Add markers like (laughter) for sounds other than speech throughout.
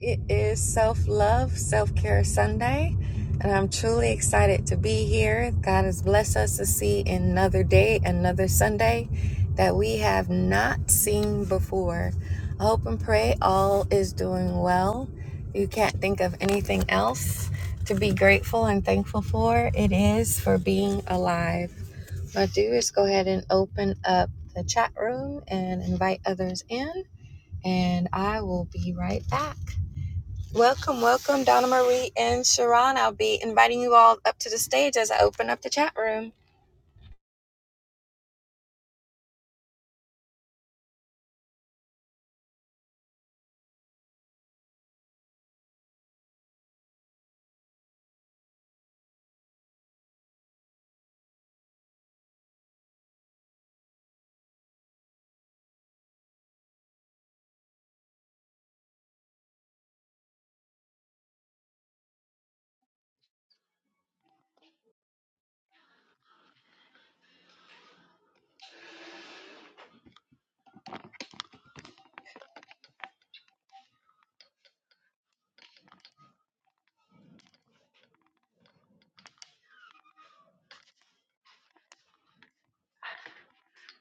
It is Self Love, Self Care Sunday, and I'm truly excited to be here. God has blessed us to see another day, another Sunday that we have not seen before. I hope and pray all is doing well. You can't think of anything else to be grateful and thankful for. It is for being alive. What I do is go ahead and open up the chat room and invite others in, and I will be right back. Welcome, welcome, Donna Marie and Sharon. I'll be inviting you all up to the stage as I open up the chat room.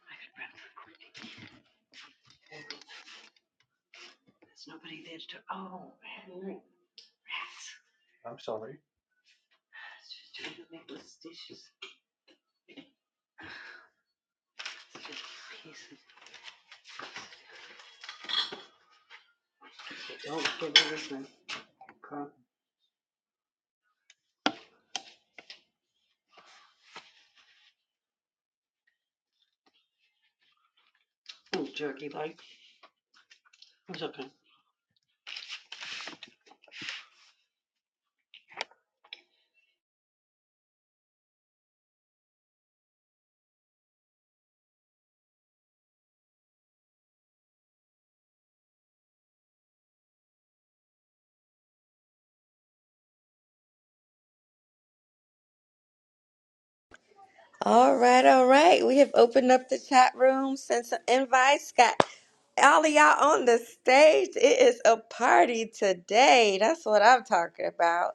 I could run for quick. There's nobody there to, oh, man, rats. I'm sorry. It's just trying to make those dishes. It's just pieces. Oh, give me this one. Carl. Oh, jerky like. It's okay. All right, all right. We have opened up the chat room, sent some invites, got all of y'all on the stage. It is a party today. That's what I'm talking about.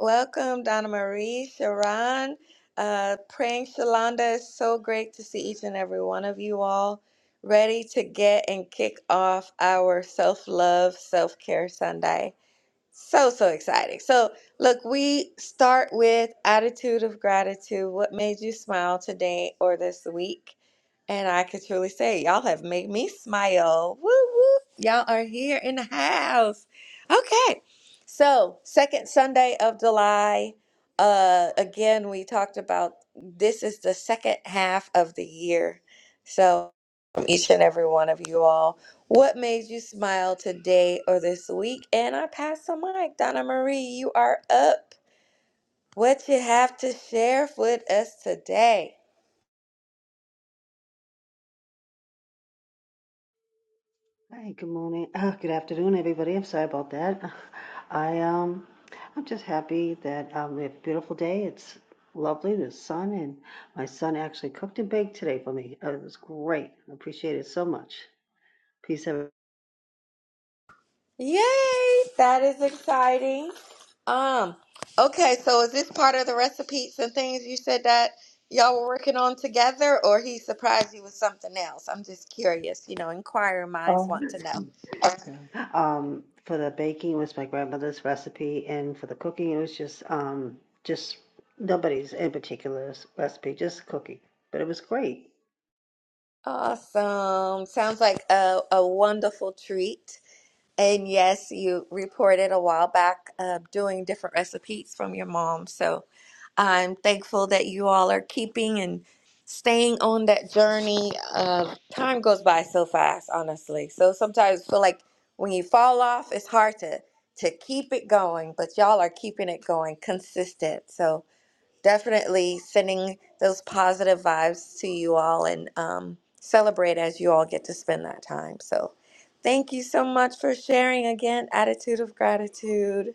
Welcome, Donna Marie, Sharon. Uh, praying Shalonda. It's so great to see each and every one of you all ready to get and kick off our self love, self care Sunday. So, so exciting. So, look, we start with attitude of gratitude. What made you smile today or this week? And I could truly say, y'all have made me smile. Woo woo. Y'all are here in the house. Okay. So, second Sunday of July. Uh, again, we talked about this is the second half of the year. So, from each and every one of you all, what made you smile today or this week? And I pass the mic. Donna Marie, you are up. What you have to share with us today? Hey, good morning. Uh, good afternoon, everybody. I'm sorry about that. (laughs) I um, I'm just happy that um, we have a beautiful day. It's lovely. The sun and my son actually cooked and baked today for me. Uh, It was great. I appreciate it so much. Peace, everyone. Yay! That is exciting. Um, okay, so is this part of the recipes and things you said that y'all were working on together, or he surprised you with something else? I'm just curious. You know, inquiring minds want Um, to know. Yeah. Um, for the baking, it was my grandmother's recipe, and for the cooking, it was just um, just nobody's in particular s- recipe, just cooking. But it was great. Awesome. Sounds like a, a wonderful treat. And yes, you reported a while back uh, doing different recipes from your mom. So I'm thankful that you all are keeping and staying on that journey. Of time goes by so fast, honestly. So sometimes I feel like when you fall off, it's hard to to keep it going. But y'all are keeping it going consistent. So definitely sending those positive vibes to you all and um, celebrate as you all get to spend that time. So, thank you so much for sharing again. Attitude of gratitude.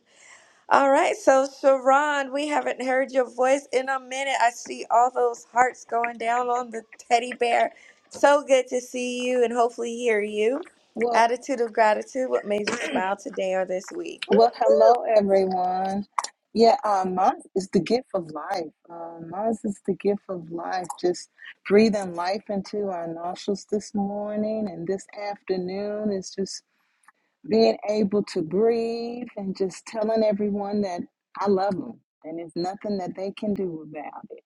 All right, so Sharon, we haven't heard your voice in a minute. I see all those hearts going down on the teddy bear. So good to see you and hopefully hear you. Well, Attitude of gratitude. What made you smile today or this week? well, hello everyone. Yeah, um, mine is the gift of life. Um, mine is the gift of life. Just breathing life into our nostrils this morning and this afternoon is just being able to breathe and just telling everyone that I love them and there's nothing that they can do about it.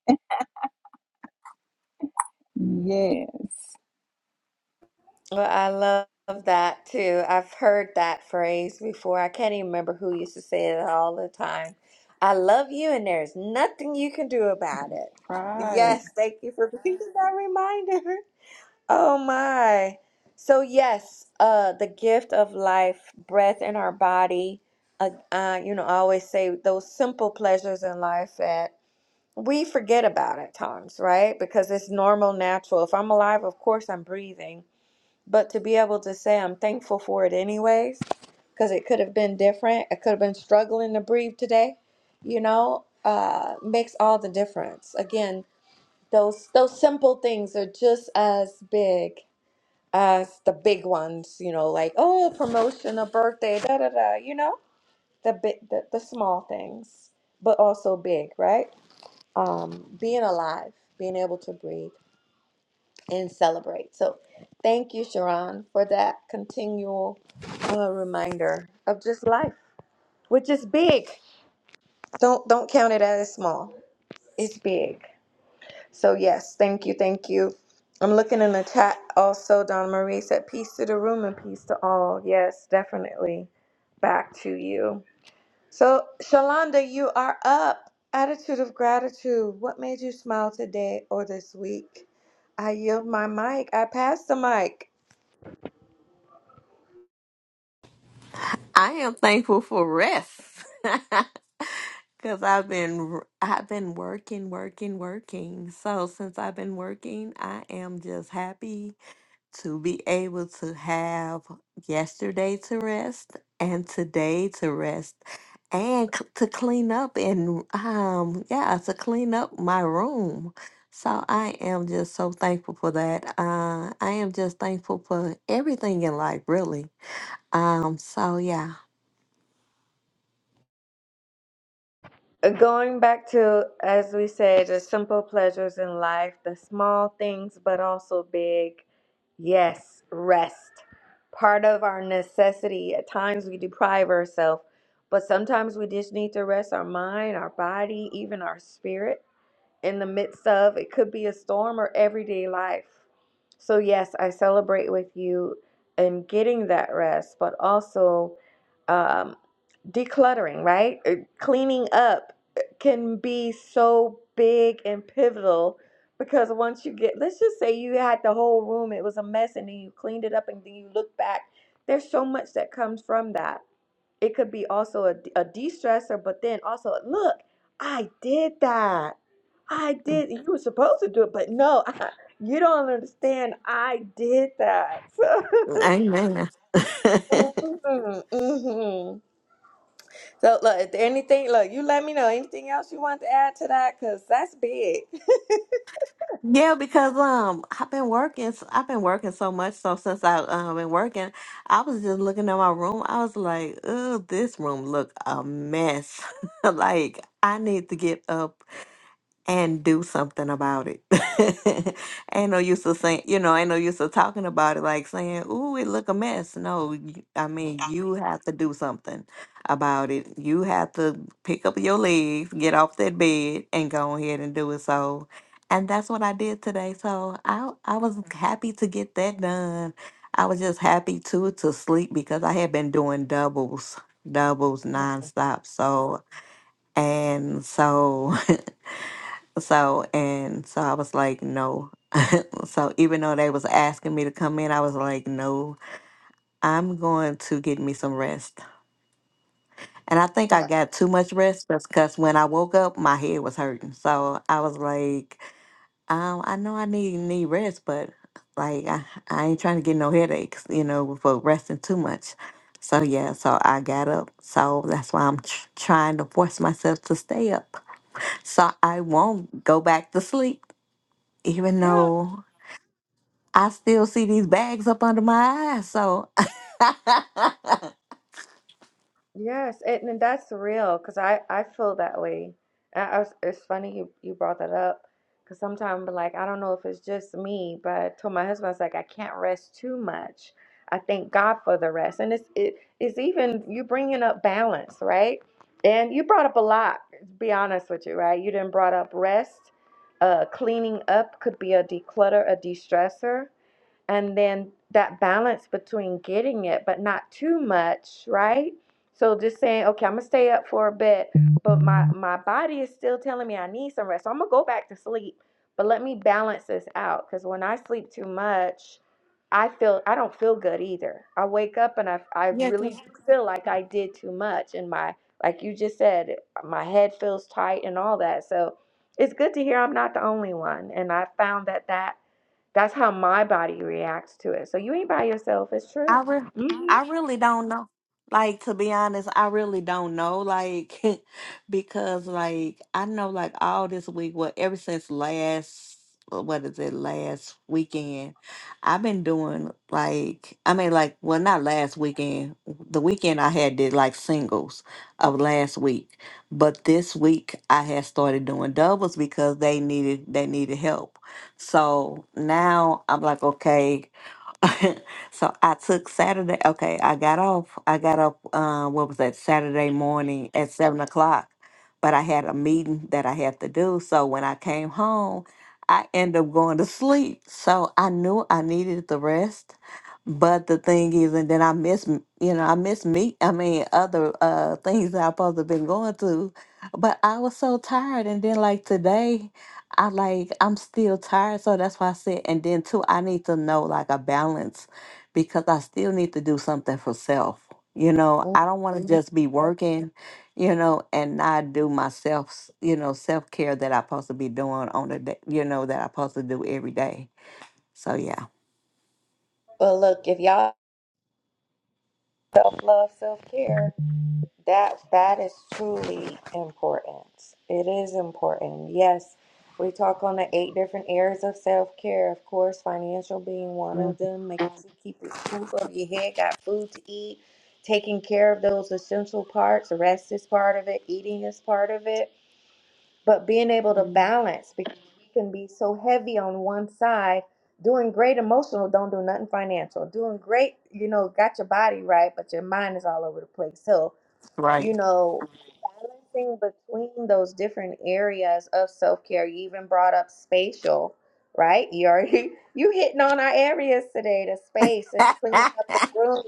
Yes, Well, I love that too. I've heard that phrase before. I can't even remember who used to say it all the time. I love you, and there's nothing you can do about it. right. Yes, thank you for being (laughs) that reminder. Oh my. So yes, uh, the gift of life, breath in our body. Uh, uh, you know, I always say those simple pleasures in life that we forget about at times, right? Because it's normal, natural. If I'm alive, of course I'm breathing but to be able to say I'm thankful for it anyways, because it could have been different. I could have been struggling to breathe today, you know, uh, makes all the difference. Again, those those simple things are just as big as the big ones, you know, like oh, promotion, a birthday, da da da, you know, the big, the, the small things, but also big, right? Um, being alive, being able to breathe and celebrate. So thank you, Sharon, for that continual uh, reminder of just life, which is big. Don't don't count it as small. It's big. So yes, thank you, thank you. I'm looking in the chat also. Donna Marie said, "Peace to the room and peace to all." Yes, definitely. Back to you. So Shalonda, you are up. Attitude of gratitude. What made you smile today or this week? I yield my mic. I pass the mic. I am thankful for rest (laughs) because I've been I've been working, working, working. So since I've been working, I am just happy to be able to have yesterday to rest and today to rest and c- to clean up and um yeah to clean up my room. So I am just so thankful for that. Uh, I am just thankful for everything in life, really. Um, so yeah. Uh, Going back to, as we said, the simple pleasures in life, the small things, but also big. Yes, rest. Part of our necessity. At times we deprive ourselves, but sometimes we just need to rest our mind, our body, even our spirit in the midst of it could be a storm or everyday life. So, yes, I celebrate with you in getting that rest, but also. Um, decluttering, right? Uh, Cleaning up uh, can be so big and pivotal because once you get, let's just say you had the whole room, it was a mess, and then you cleaned it up and then you look back. There's so much that comes from that. It could be also a, a de stressor, but then also, look, I did that. I did. You were supposed to do it, but no, (laughs) you don't understand. I did that. (laughs) Amen. So, hmm so look, if there anything, look, you let me know anything else you want to add to that, cause that's big. Yeah, because um, I've been working. s- I've been working so much. So since I um been working, I was just looking at my room. I was like, "Oh, this room look a mess." (laughs) Like I need to get up and do something about it. (laughs) ain't no use of saying, you know, ain't no use of talking about it, like saying, "Ooh, it look a mess." No, you- I mean, you have to do something about it. You have to pick up your legs, get off that bed, and go ahead and do it. So, and that's what I did today. So I I was happy to get that done. I was just happy to to sleep because I had been doing doubles, doubles (laughs) nonstop. So and so. (laughs) So and so I was like, no. So even though they was asking me to come in, I was like, no, I'm going to get me some rest. And I think I That. got too much rest because when I woke up, my head was hurting. So I was like, um, I know I need need rest, but like I, I ain't trying to get no headaches, you know, for resting too much. So yeah, so I got up. So that's why I'm tr- trying to force myself to stay up, so I won't go back to sleep, even though I still see these bags up under my eyes. So, (laughs) Yes, and, and that's real because I I feel that way. And I was, it's funny you, you brought that up because sometimes like I don't know if it's just me, but I told my husband I was like I can't rest too much. I thank God for the rest, and it's it is even you bringing up balance, right? And you brought up a lot. To be honest with you, right? You didn't brought up rest. Uh, cleaning up could be a declutter, a de-stressor and then that balance between getting it but not too much right so just saying okay i'm gonna stay up for a bit but my my body is still telling me i need some rest so i'm gonna go back to sleep but let me balance this out because when i sleep too much i feel i don't feel good either i wake up and i, I yeah, 'cause really feel like i did too much and my like you just said my head feels tight and all that so it's good to hear i'm not the only one and i found that that that's how my body reacts to it. So you ain't by yourself. It's true. I re- hmm I really don't know. Like to be honest, I really don't know. Like (laughs) because like I know like all this week, well, ever since last uh, what is it, last weekend, I've been doing like I mean like well not last weekend. The weekend I had did like singles of last week. But this week I had started doing doubles because they needed they needed help. So now I'm like, okay, (laughs) so I took Saturday. Okay, I got off. I got up. Uh, what was that? Saturday morning at seven o'clock. But I had a meeting that I had to do. So when I came home, I ended up going to sleep. So I knew I needed the rest. But the thing is, and then I miss, m- you know, I miss me. I mean, other uh things that I supposed to been going through. But I was so tired, and then like today. I like I'm still tired, so that's why I said. And then too, I need to know like a balance because I still need to do something for self. You know, I don't want to just be working, you know, and not do myself, you know, self care that I'm supposed to be doing on the day, you know, that I'm supposed to do every day. So yeah, But look, if y'all self love, self care. That that is truly important. It is important. Yes, we talk on the eight different areas of self care. Of course, financial being one of Mhm. them. Making sure you keep your roof over your head, got food to eat, taking care of those essential parts. Rest is part of it. Eating is part of it. But being able to balance because we can be so heavy on one side. Doing great emotional, don't do nothing financial. Doing great, you know, got your body right, but your mind is all over the place. So you right. know, balancing between those different areas of self care. You even brought up spatial, right? You already (laughs) you hitting on our areas today, the space and cleaning (laughs) up the room,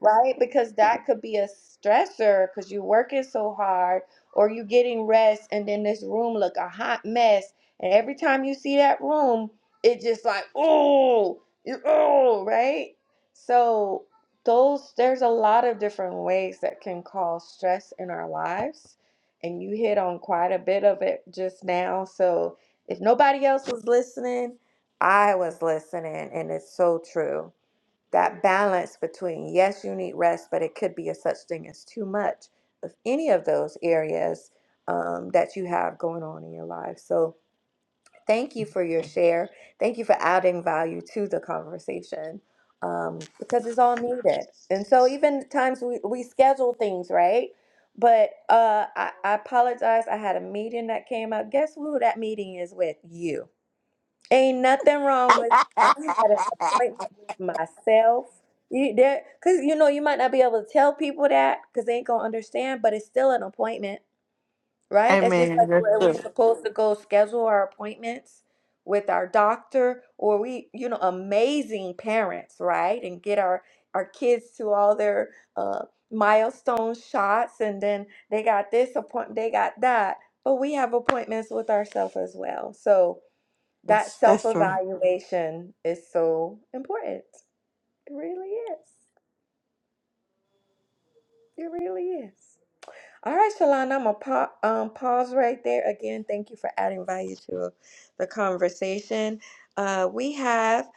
right? Because that could be a stressor because you're working so hard or you getting rest and then this room look a hot mess. And every time you see that room, it just like, oh, oh, right? So those there's a lot of different ways that can cause stress in our lives and you hit on quite a bit of it just now so if nobody else was listening i was listening and it's so true that balance between yes you need rest but it could be a such thing as too much of any of those areas um, that you have going on in your life so Thank you for your share. Thank you for adding value to the conversation um, because it's all needed. And so, even times we, we schedule things, right? But uh, I, I apologize. I had a meeting that came up. Guess who that meeting is with? You. Ain't nothing wrong with I had an appointment with myself. You there? Because you know, you might not be able to tell people that because they ain't going to understand, but it's still an appointment right? That's just Amen. like That's where we true. supposed to go schedule our appointments with our doctor or we, you know, amazing parents, right? And get our our kids to all their uh, milestone shots, and then they got this appointment, they got that. But we have appointments with ourselves as well. So that That's, self that's true. evaluation is so important. It really is. It really is. All right, Shalana, I'm gonna pa- um, pause right there. Again, thank you for adding value to the conversation. Uh, we have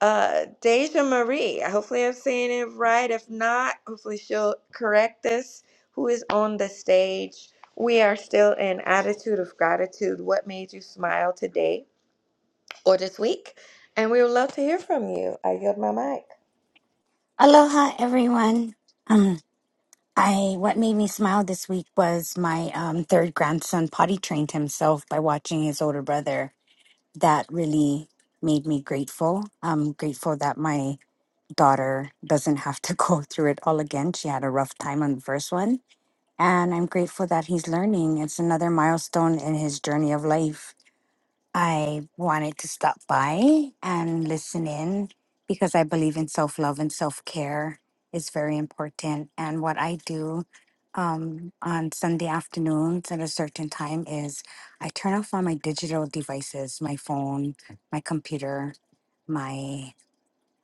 uh, Deja Marie. Hopefully, I'm saying it right. If not, hopefully, she'll correct us. Who is on the stage? We are still in attitude of gratitude. What made you smile today or this week? And we would love to hear from you. I yield my mic. Aloha, everyone. Um, I what made me smile this week was my um, third grandson potty trained himself by watching his older brother. That really made me grateful. I'm grateful that my daughter doesn't have to (laughs) go through it all again. She had a rough time on the first one, and I'm grateful that he's learning. It's another milestone in his journey of life I wanted to stop by and listen in because I believe in self love and self care is very important. And what I do um, on Sunday afternoons at a certain time is I turn off all my digital devices, my phone, my computer, my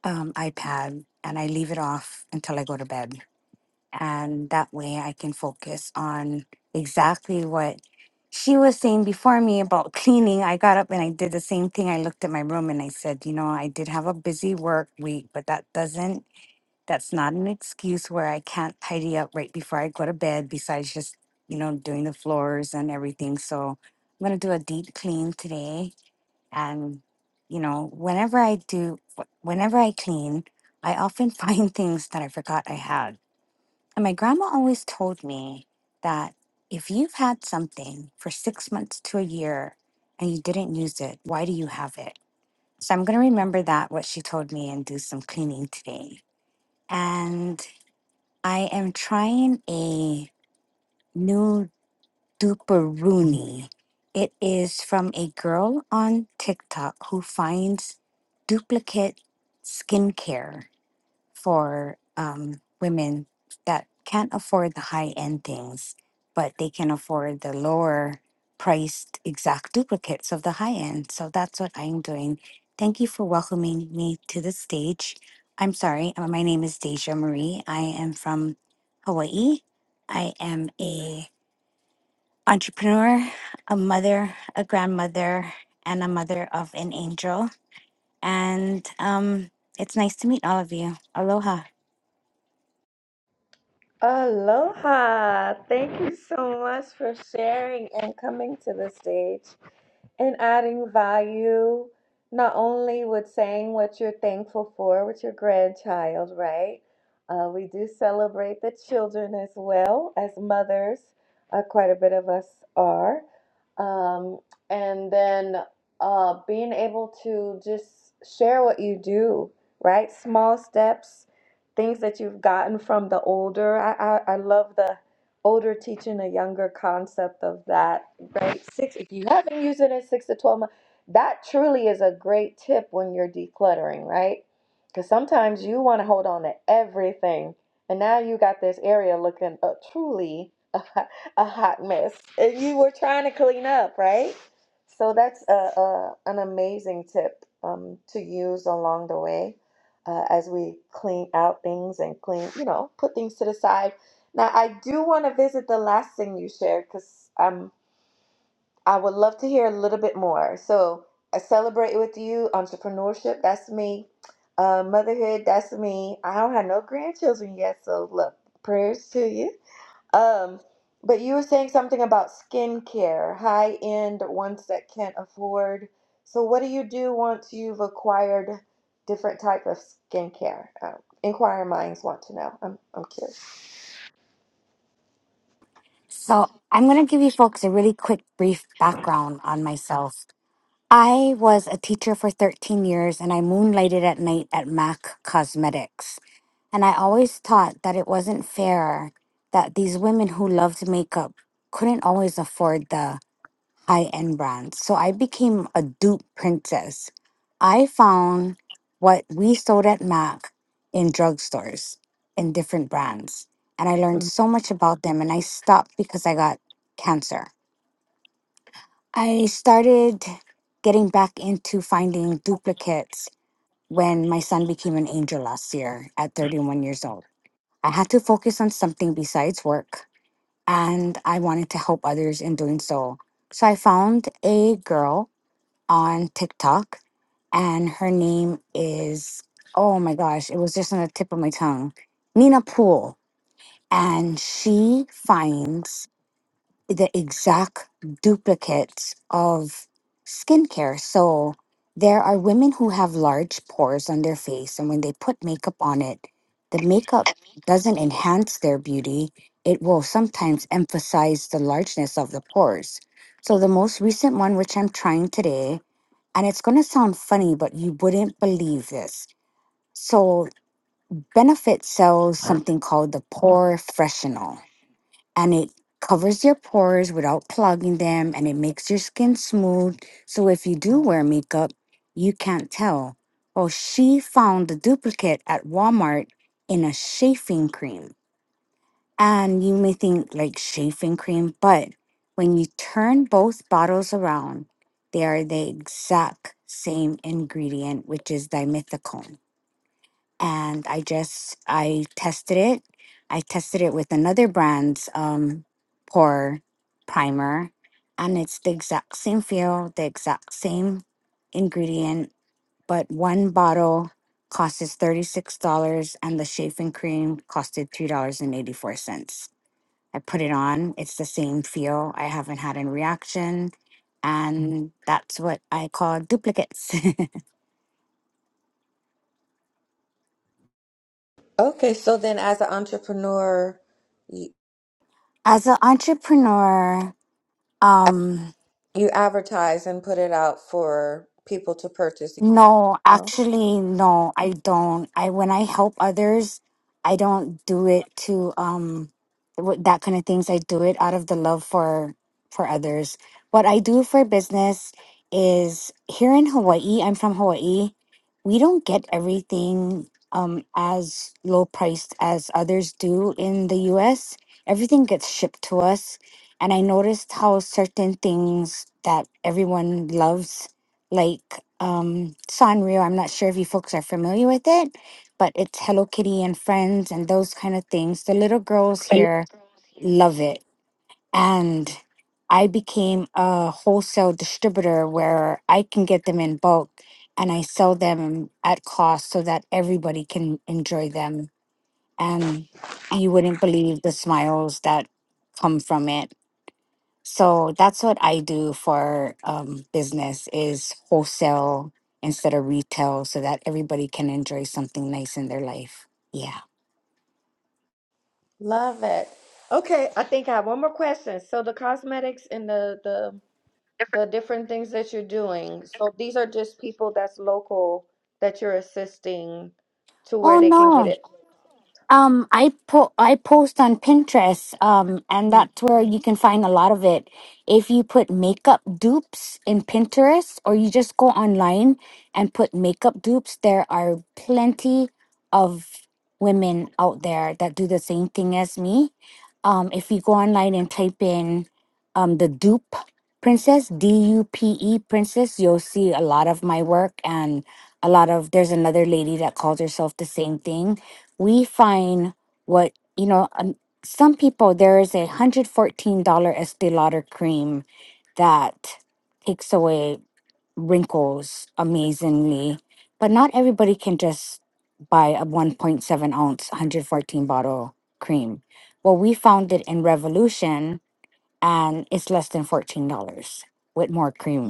um, iPad, and I leave it off until I go to bed and that way I can focus on exactly what she was saying before me about (laughs) cleaning. I got up and I did the same thing. I looked at my room and I said, you know, I did have a busy work week, but that doesn't that's not an excuse where I can't tidy up right before I go to bed besides just, you know, doing the floors and everything. So I'm going to do a deep clean today and you know, whenever I do whenever I clean, I often (laughs) find things that I forgot I had and my grandma always told me that if you've had something for six months to a year and you didn't use it, why do you have it? So I'm going to remember that, what she told me, and do some cleaning today. And I am trying a new duperoni. It is from a girl on TikTok who finds duplicate skincare for um, women that can't afford the high end things, but they can afford the lower priced exact duplicates of the high end. So that's what I'm doing. Thank you for welcoming me to the stage. I'm sorry, uh, my name is Deja Marie. I am from Hawaii. I am a entrepreneur, a mother, a grandmother, and a mother of an angel. And um, it's nice to meet all of you. Aloha. Aloha! Thank you so much for sharing and coming to the stage. and adding value not only with saying what you're thankful for with your grandchild, right? Uh, we do celebrate the children as well as mothers. Uh, quite a bit of us are, um, and then uh, being able to just share what you do, right? Small steps, things that you've gotten from the older. I I, I love the older teaching a younger concept of that, right? Six, if you haven't used it in six to 12 months, that truly is a great tip when you're decluttering, right? Because sometimes you want to hold on to everything. And now you got this area looking uh, truly (laughs) a, hot- a hot mess. And you were trying to clean up, right? So that's a, a, an amazing tip um, to use along the way uh, as we clean out things and clean, you know, put things to the side now, I do want to visit the last thing you shared because um, I would love to hear a little bit more. So, I celebrate with you entrepreneurship. That's me. Uh, motherhood. That's me. I don't have no grandchildren yet, so look, prayers to you. Um, but you were saying something about skincare, high end ones that can't afford. So, what do you do once you've acquired different type of skincare? Um, inquiring minds want to know. I'm I'm curious. So, I'm going to give you folks a really quick, brief background on myself. I was a teacher for 13 years and I moonlighted at night at MAC Cosmetics. And I always thought that it wasn't fair that these women who loved makeup couldn't always afford the high end brands. So I became a dupe princess. I found what we sold at Mac in drugstores in different brands. And I learned so much about them. And I stopped because I got cancer. I started getting back into finding duplicates when my son became an angel last year at 31 years old. I had to focus on something besides work. And I wanted to help others in doing so. So I found a girl on TikTok, and her name is oh my gosh, it was just on the tip of my tongue, Nina Poole, and she finds the exact duplicates of skincare. So there are women who have large pores on their face, and when they put makeup on it, the makeup doesn't enhance their beauty. It will sometimes emphasize the largeness of the pores. So the most recent one, which I'm trying today, and it's going to sound funny, but you wouldn't believe this. So, Benefit sells something called the Pore Freshenal, and it covers your pores without clogging them and it makes your skin smooth. So, if you do wear makeup, you can't tell. Well, she found the duplicate at Walmart in a chafing cream. And you may think like shaving cream, but when you turn both bottles around, they are the exact same ingredient, which is dimethicone. And I just I tested it. I tested it with another brand's um pore primer, and it's the exact same feel, the exact same ingredient, but one bottle costs $36 and the shaving cream costed $3.84. I put it on. It's the same feel. I haven't had any reaction. And that's what I call duplicates. Okay, so then as an entrepreneur, you, (laughs) As an entrepreneur, um, you advertise and put it out for people to purchase. No, No? actually, no, I don't. I when I help others, I don't do it to um wh- that kind of things. I do it out of the love for for others. What I do for business is here in Hawaii. I'm from Hawaii. We don't get everything um as low priced as others do in the US. Everything gets shipped to us, and I noticed how certain things that everyone loves like um, Sanrio. I'm not sure if you folks are familiar with it, but it's Hello Kitty and Friends and those kind of things. The little girls here love it. And I became a wholesale distributor where I can get them in bulk and I sell them at cost so that everybody can enjoy them. And you wouldn't believe the smiles that come from it so that's what I do for um, business is wholesale instead of retail so that everybody can enjoy something nice in their life. Yeah. Love it. Okay, I think I have one more question. So the cosmetics and the the the different things that you're doing. So these are just people that's local that you're assisting to where Oh they can no. get it. Um, I po- I post on Pinterest, um, and that's where you can find a lot of it. If you put makeup dupes in Pinterest, or you just go online and put makeup dupes, there are plenty of women out there that do the same thing as me. Um, if you go online and type in um, the dupe princess, D U P E princess, you'll see a lot of my work and a lot of. There's another lady that calls herself the same thing we find what you know um, some people there is a $114 estee lauder cream that takes away wrinkles amazingly but not everybody can just buy a 1.7 ounce 114 bottle cream well we found it in revolution and it's less than $14 with more cream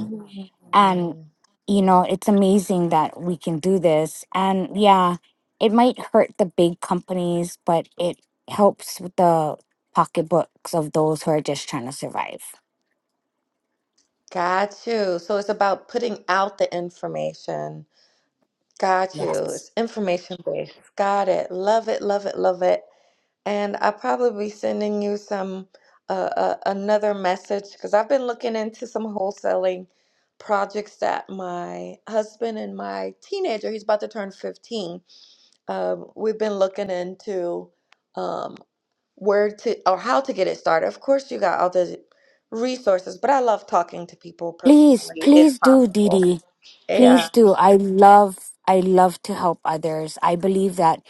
and you know it's amazing that we can do this and yeah it might hurt the big companies but it helps with the pocketbooks of those who are just trying to survive Got you. So it's about putting out the information. Got you. yes It's information based. Got it. Love it, love it, love it. And I'll probably be sending you some uh, uh, another message because I've been looking into some wholesaling projects that my husband and my teenager, he's about to turn 15. Um, we've been looking into um, where to or how to get it started. Of course, you got all the resources, but I love talking to people please personally if please do possible. Didi. Yeah. please do i love i love to help others i believe that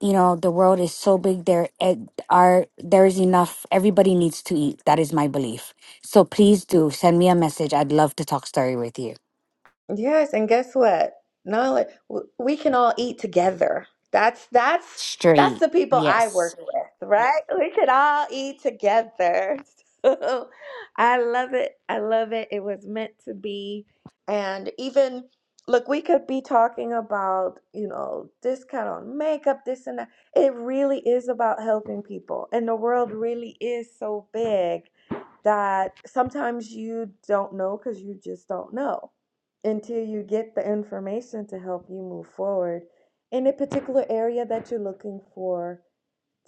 you know the world is so big there it, are there is enough everybody needs to eat that is my belief so please do send me a message i'd love to talk story with you Yes, and guess what? Not only w- we can all eat together. That's that's that's Straight. the people I work Yes. with, right? We could all eat together. (laughs) So I love it. I love it. It was meant to be. And even look, we could be talking about, you know, discount on makeup, this and that. It really is about helping people. And the world really is so big that sometimes you don't know because you just don't know until you get the information to help you move forward in a particular area that you're looking for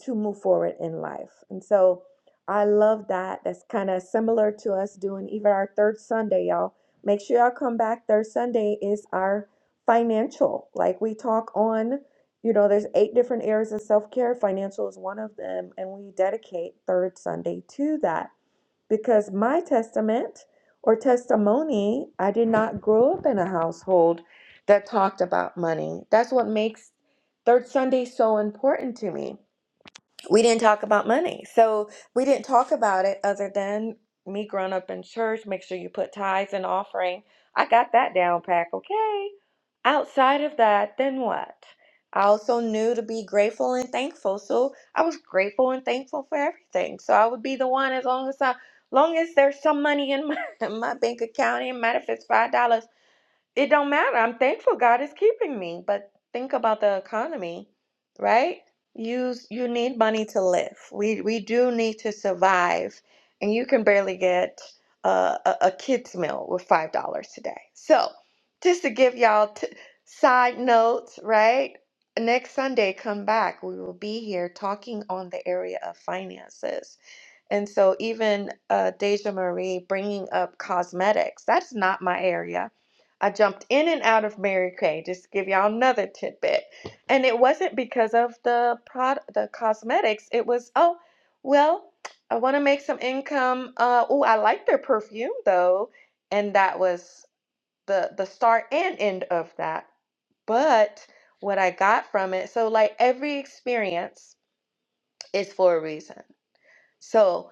to move forward in life. And so I love that. That's kind of similar to us doing even our third Sunday, y'all. Make sure y'all come back. Third Sunday is our financial. Like we talk on, you know, there's eight different areas of self care. Financial is one of them. And we dedicate third Sunday to that because my testament or testimony, I did not grow up in a household that talked about money. That's what makes Third Sunday so important to me we didn't talk about money. So we didn't talk about it other than me growing up in church, make sure you put tithes and offering. I got that down pack, okay? Outside of that, then what? I also knew to be grateful and thankful. So I was grateful and thankful for everything. So I would be the one as long as I long as there's some money in my, (laughs) in my bank account, it matter if it's $5. it don't matter. I'm thankful God is keeping me, but think about the economy, right? You you need money to live. We we do need to survive, and you can barely get uh, a a kid's meal with five dollars today. So, just to give y'all t- side notes, right? Next Sunday, come back. We will be here talking on the area of finances. And so, even uh, Deja Marie bringing up cosmetics, that's not my area I jumped in and out of Mary Kay, just to give y'all another tidbit. And it wasn't because of the prod, the cosmetics. It was, oh, well, I want to make some income. Uh, oh, I like their perfume though. And that was the the start and end of that. But what I got from it, so like every experience is for a reason. So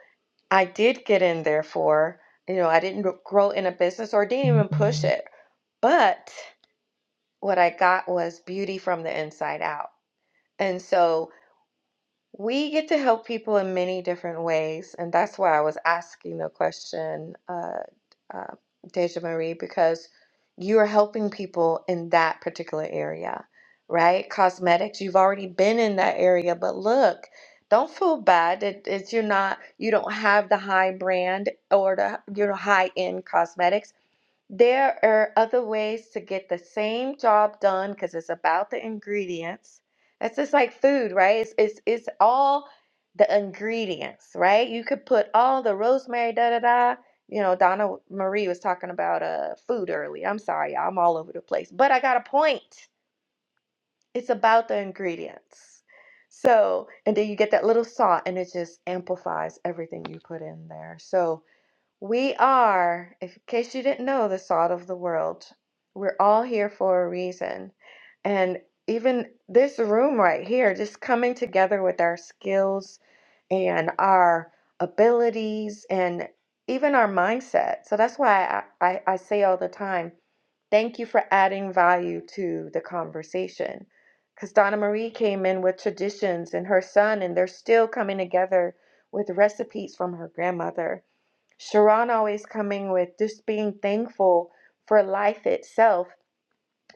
I did get in there for, you know, I didn't grow in a business or didn't even push it. But what I got was beauty from the inside out. And so we get to help people in many different ways. And that's why I was asking the question, uh, uh, Deja Marie, because you are helping people in that particular area, right? Cosmetics, you've already been in that area, but look, don't feel bad that it's you're not you don't have the high brand or the you know high end cosmetics there are other ways to get the same job done because it's about the ingredients. That's just like food, right? It's, it's it's all the ingredients, right? You could put all the rosemary, da da da. You know, Donna Marie was talking about uh food earlier. I'm sorry, y'all, I'm all over the place, but I got a point. It's about the ingredients. So, and then you get that little salt, and it just amplifies everything you put in there. So. We are, if, in case you didn't know, the salt of the world. We're all here for a reason. And even this room right here, just coming together with our skills and our abilities and even our mindset. So that's why I, I, I say all the time, thank you for adding value to the conversation. Because Donna Marie came in with traditions and her son, and they're still coming together with recipes from her grandmother Sharon always coming with just being thankful for life itself.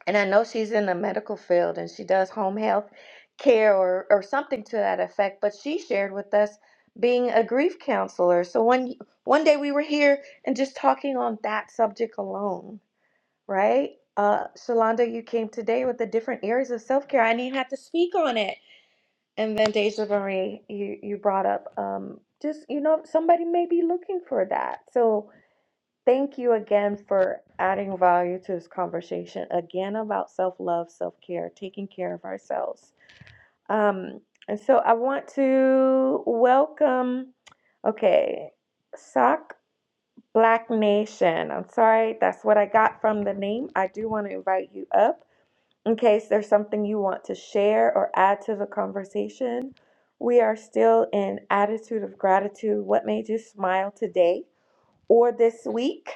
And I know she's in the medical field and she does home health care or, or something to that effect, but she shared with us being a grief counselor. So one one day we were here and just talking on that subject alone, right? Uh Shalonda, you came today with the different areas of self care. I didn't have to speak on it. And then Deja Marie, you, you brought up um just, you know, somebody may be looking for that. So Thank you again for adding value to this conversation again about self love, self care, taking care of ourselves. Um, and so I want to welcome, okay, Sock Black Nation. I'm sorry, that's what I got from the name. I do want to invite you up in case there's something you want to share or add to the conversation. We are still in attitude of gratitude. What made you smile today? or this week.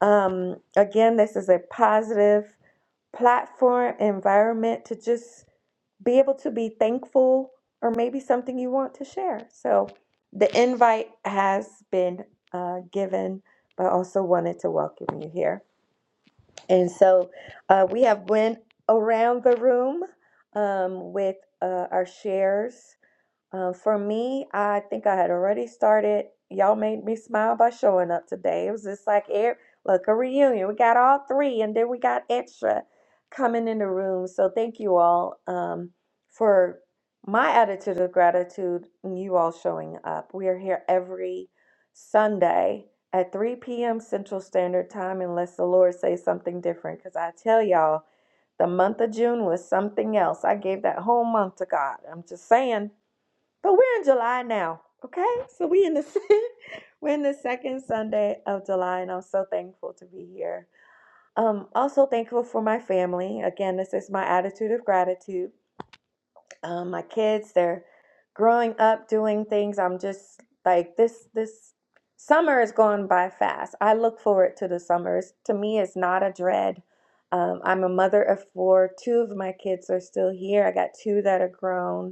Um, again, this is a positive platform environment to just be able to be thankful or maybe something you want to share. So the invite has been uh, given, but I also wanted to welcome you here. And so uh, we have went around the room um, with uh, our shares. Um, for me, I think I had already started. Y'all made me smile by showing up today. It was just like, air, look, a reunion. We got all three, and then we got extra coming in the room. So thank you all um, for my attitude of gratitude and you all showing up. We are here every Sunday at 3 p.m. Central Standard Time, unless the Lord says something different. Because I tell y'all, the month of June was something else. I gave that whole month to God. I'm just saying but we're in July now, okay? So we in the (laughs) we're in the second Sunday of July, and I'm so thankful to be here. Um, also thankful for my family. Again, this is my attitude of gratitude. Um, my kids, they're growing up, doing things. I'm just like this. This summer is going by fast. I look forward to the summers. To me, it's not a dread. Um, I'm a mother of four. Two of my kids are still here. I got two that are grown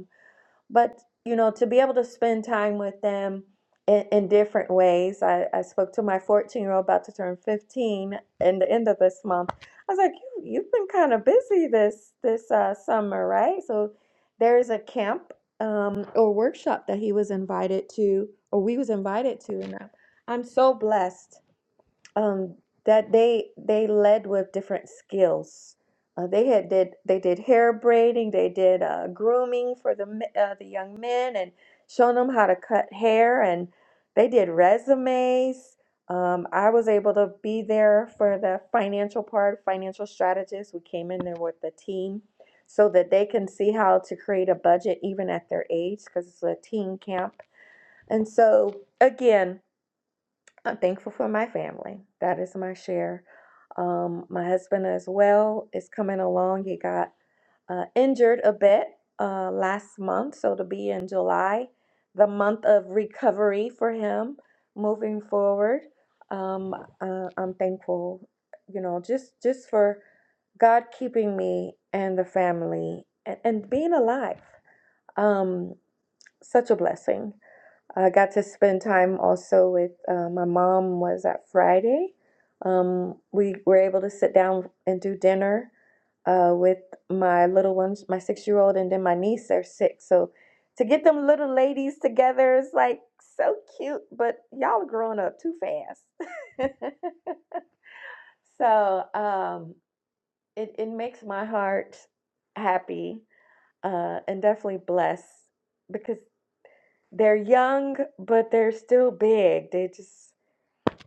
but you know to be able to spend time with them in, in different ways I, I spoke to my 14 year old about to turn 15 in the end of this month i was like you, you've been kind of busy this this uh, summer right so there is a camp um, or workshop that he was invited to or we was invited to and i'm, I'm so blessed um, that they they led with different skills. Uh, they had did they did hair braiding, they did uh, grooming for the me- uh, the young men, and showing them how to cut hair, and they did resumes. Um, I was able to be there for the financial part, financial strategist. We came in there with the team so that they can see how to create a budget even at their age because it's a teen camp. And so again, I'm thankful for my family. That is my share. Um, my husband as well is coming along. He got uh, injured a bit uh, last month, so to be in July, the month of recovery for him moving forward. Um, uh, I'm thankful, you know, just just for God keeping me and the family and, and being alive. Um, such a blessing. I got to spend time also with uh, my mom was at Friday. Um, we were able to sit down and do dinner uh, with my little ones, my six year old, and then my niece. They're six, so to get them little ladies together is like so cute. But y'all are growing up too fast. (laughs) So um, it, it makes my heart happy uh, and definitely blessed because they're young, but they're still big. They just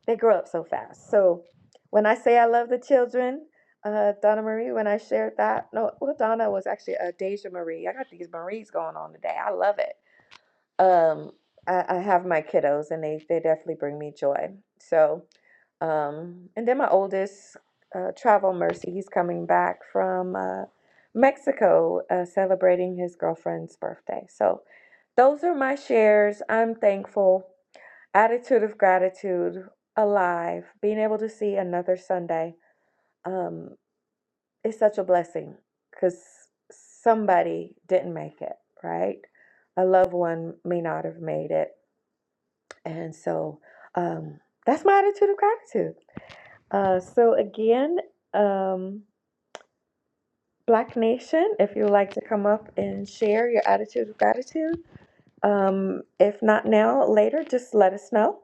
they grow up so fast. So when I say I love the children, uh, Donna Marie, when I shared that, no, well, Donna was actually a uh, Deja Marie. I got these Maries going on today. I love it. Um, I, I have my kiddos, and they they definitely bring me joy. So. Um, and then my oldest, uh, Travel Mercy, he's coming back from uh, Mexico uh, celebrating his girlfriend's birthday. So those are my shares. I'm thankful. Attitude of gratitude, alive, being able to see another Sunday um, is such a blessing because somebody didn't make it, right? A loved one may not have made it. And so um, that's my attitude of gratitude. Uh, so again, um, Black Nation, if you'd like to come up and share your attitude of gratitude, um, if not now, later, just let us know.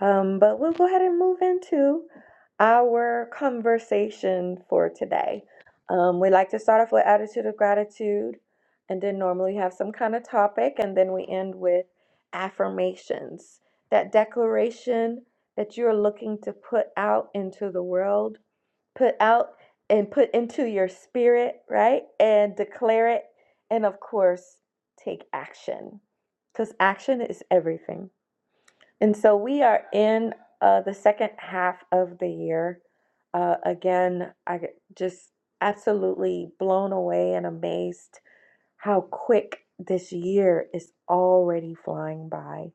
Um, but we'll go ahead and move into our conversation for today. Um, we like to start off with attitude of gratitude, and then normally have some kind of topic, and then we end with affirmations. That declaration that you're looking to put out into the world put out and put into your spirit, right? And declare it. And of course, take action because action is everything. And so we are in uh, the second half of the year. Uh, again, I get just absolutely blown away and amazed how quick this year is already flying by.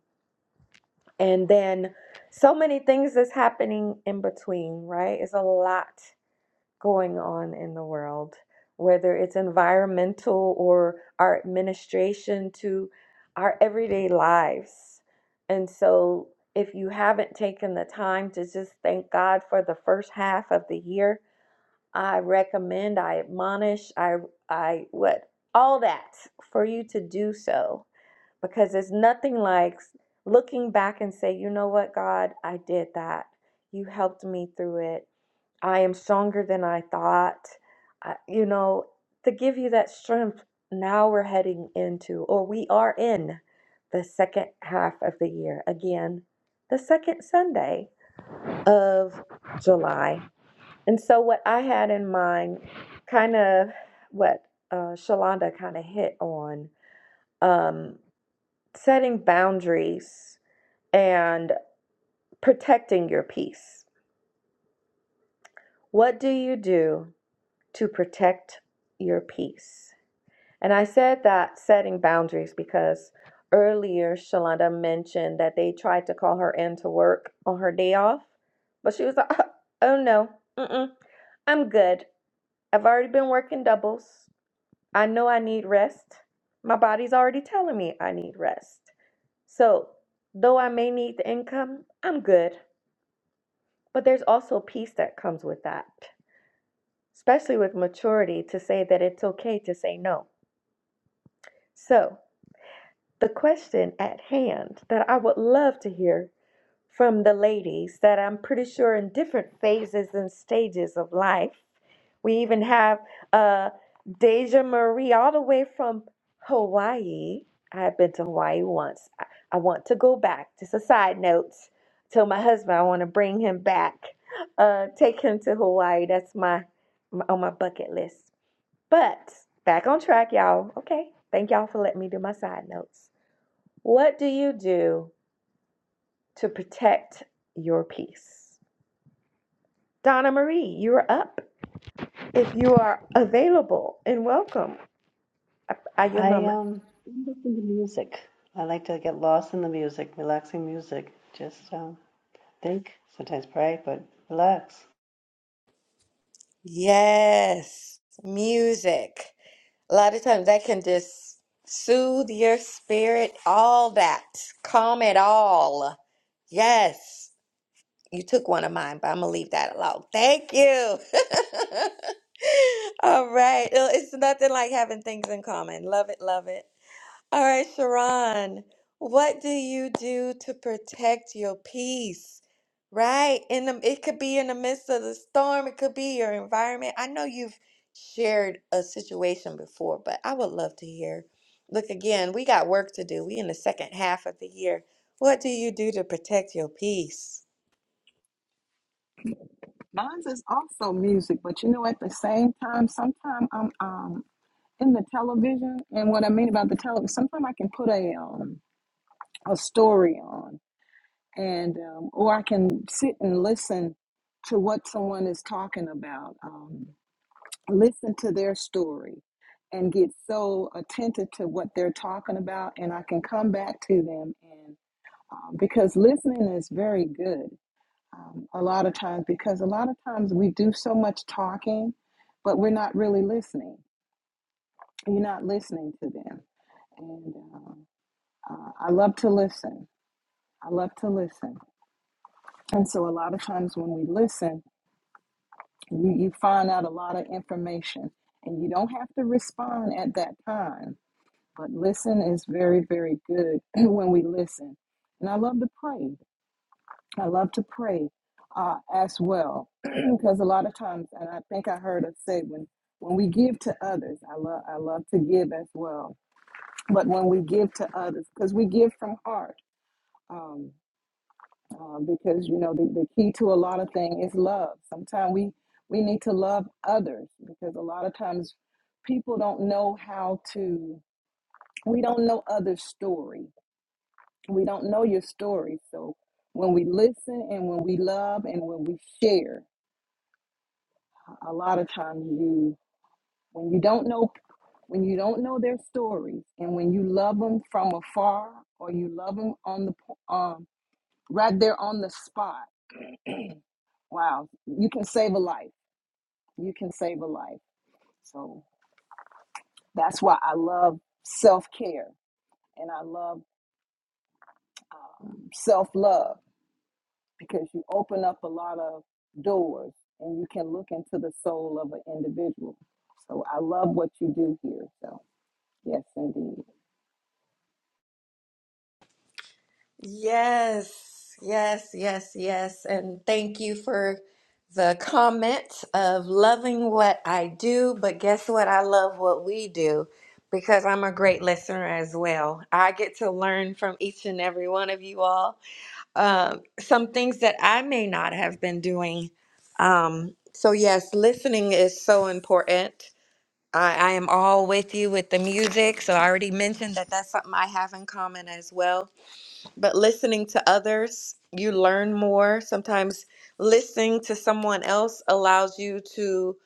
And then so many things is happening in between, right? It's a lot going on in the world, whether it's environmental or our administration to our everyday lives. And so, if you haven't taken the time to just thank God for the first half of the year, I recommend, I admonish, I, I, what, all that for you to do so because it's nothing like looking back and say, you know what, God, I did that. You helped me through it I am stronger than I thought. I, you know, to give you that strength, now we're heading into, or we are in, the second half of the year. Again, the second Sunday of July. And so, what I had in mind, kind of what uh, Shalonda kind of hit on, um, setting boundaries and protecting your peace. What do you do to protect your peace? And I said that setting boundaries because earlier Shalonda mentioned that they tried to call her in to work on her day off, but she was like, "Uh, oh no, mm-mm, I'm good. I've already been working doubles. I know I need rest. My body's already telling me I need rest. So, though I may need the income, I'm good. But there's also peace that comes with that, especially with maturity to say that it's okay to say no. So, the question at hand that I would love to hear from the ladies that I'm pretty sure in different phases and stages of life. We even have uh, Deja Marie all the way from Hawaii. I've been to Hawaii once. I, I want to go back. Just a side note. Tell my husband I want to bring him back. Uh, take him to Hawaii. That's my, my on my bucket list. But back on track, y'all. Okay. Thank y'all for letting me do my side notes. What do you do to protect your peace? Donna Marie, you're up. If you are available and welcome, I, I give my I mic. um listen to music. I like to get lost in the music, relaxing music. Just um, think, sometimes pray, but relax. Yes, music. A lot of times that can just soothe your spirit, all that, calm it all. Yes, you took one of mine, but I'm gonna leave that alone. Thank you. (laughs) All right, Well, it's nothing like having things in common. Love it, love it. All right, Sharon, what do you do to protect your peace? Right? In the it could be in the midst of the storm, it could be your environment. I know you've shared a situation before, but I would love to hear. Look again, we got work to do. We in the second half of the year. What do you do to protect your peace? Mine is also music, but you know, at the same time, sometimes I'm um. in the television. And what I mean about the television, sometimes I can put a um, a story on, and um, or I can sit and listen to what someone is talking about, um, listen to their story, and get so attentive to what they're talking about, and I can come back to them and um, because listening is very good. Um, a lot of times, because a lot of times we do so much talking, but we're not really listening. You're not listening to them. and. um, Uh, I love to listen. I love to listen. And so a lot of times when we listen, you, you find out a lot of information and you don't have to respond at that time. But listen is very, very good (clears throat) when we listen. And I love to pray. I love to pray uh, as well (clears throat) because a lot of times, and I think I heard us say when when we give to others, I love I love to give as well. But when we give to others, because we give from heart, um, um, because you know the, the key to a lot of things is love sometimes we we need to love others because a lot of times people don't know how to we don't know others story we don't know your story so when we listen and when we love and when we share a lot of times you when you don't know when you don't know their stories and when you love them from afar or you love them on the um, right there on the spot wow you can save a life you can save a life. So that's why I love self care and I love self love because you open up a lot of doors and you can look into the soul of an individual. So I love what you do here. So, yes, indeed. Yes, yes, yes, yes. And thank you for the comment of loving what I do, but guess what? I love what we do because I'm a great listener as well. I get to learn from each and every one of you all. um, some things that I may not have been doing. Um, so, yes, listening is so important. I, I am all with you with the music. So, I already mentioned that that's something I have in common as well but listening to others, you learn more. Sometimes listening to someone else allows you to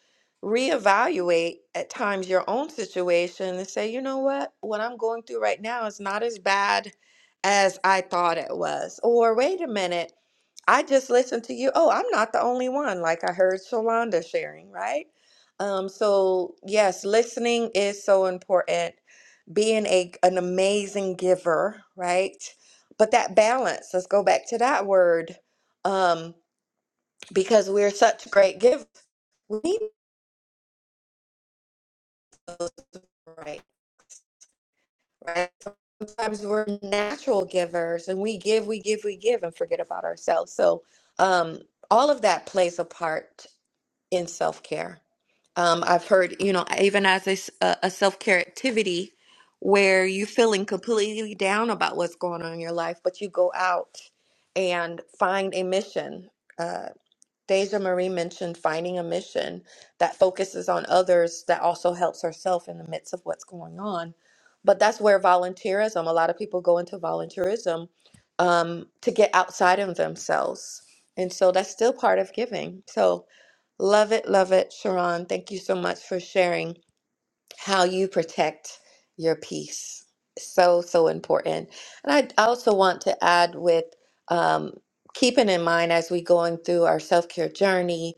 reevaluate at times your own situation and say, you know what, what I'm going through right now is not as bad as I thought it was. Or wait a minute, I just listened to you. Oh, I'm not the only one, like I heard Shalonda sharing, right? Um, so, yes, listening is so important being a an amazing giver, right? But that balance, let's go back to that word. Um, because we're such great givers, we need those right, right? Sometimes we're natural givers and we give, we give, we give and forget about ourselves. So um all of that plays a part in self care. Um, I've heard, you know, even as a, s- a- a self care activity where you're feeling completely down about what's going on in your life, but you go out and find a mission. uh, Deja Marie mentioned finding a mission that focuses on others that also helps herself in the midst of what's going on. But that's where volunteerism, a lot of people go into volunteerism um, to get outside of themselves. And so that's still part of giving. So love it, love it, Sharon. Thank you so much for sharing how you protect your peace. So, so important. And I also want to add with um, keeping in mind as we going through our self care journey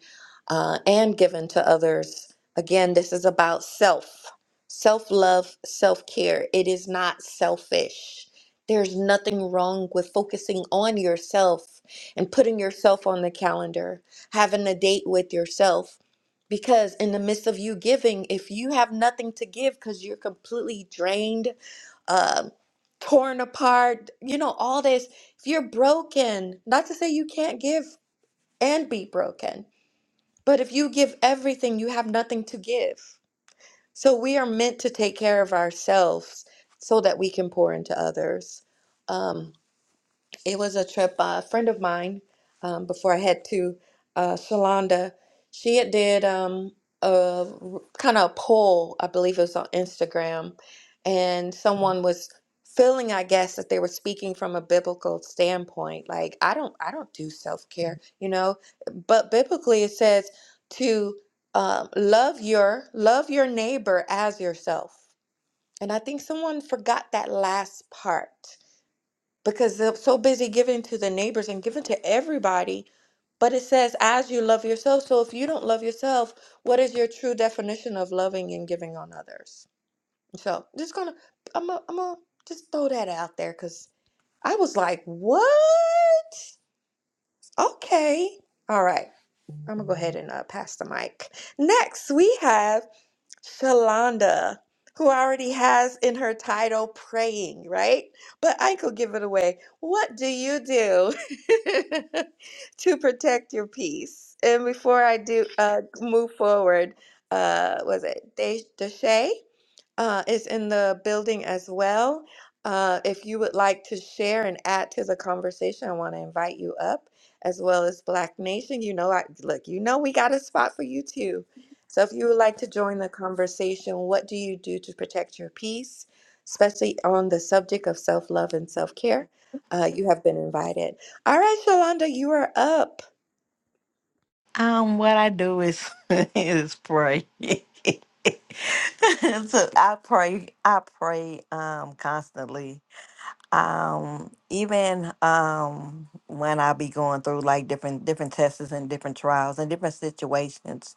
uh, and giving to others, again, this is about self, self love, self care. It is not selfish. There's nothing wrong with focusing on yourself and putting yourself on the calendar, having a date with yourself because in the midst of you giving, if you have nothing to give because you're completely drained, um, torn apart, you know, all this, if you're broken, not to say you can't give and be broken, but if you give everything, you have nothing to give. So we are meant to take care of ourselves so that we can pour into others. Um, it was a trip. Uh, a friend of mine, um, before I head to uh, Shalonda, she had did um, a kind of a poll. I believe it was on Instagram, and someone was feeling, I guess, that they were speaking from a biblical standpoint. Like, I don't, I don't do self care, you know. But biblically, it says to um, love your love your neighbor as yourself. And I think someone forgot that last part because they're so busy giving to the neighbors and giving to everybody. But it says, as you love yourself. So if you don't love yourself, what is your true definition of loving and giving on others? So just gonna, I'm gonna, I'm gonna just throw that out there because I was like, what? Okay. All right. I'm gonna go ahead and uh, pass the mic. Next, we have. Shalonda, who already has in her title praying, right? But I could give it away. What do you do (laughs) to protect your peace? And before I do uh, move forward, uh, was it De- Deshay? Uh, it's in the building as well. Uh, if you would like to share and add to the conversation, I want to invite you up as well as Black Nation. You know, I look, you know, we got a spot for you too. So if you would like to join the conversation, what do you do to protect your peace, especially on the subject of self love and self care? Uh, you have been invited. All right, Shalonda, you are up. Um, what I do is (laughs) is pray. (laughs) so I pray. I pray um constantly. Um, even um when I be going through like different different tests and different trials and different situations,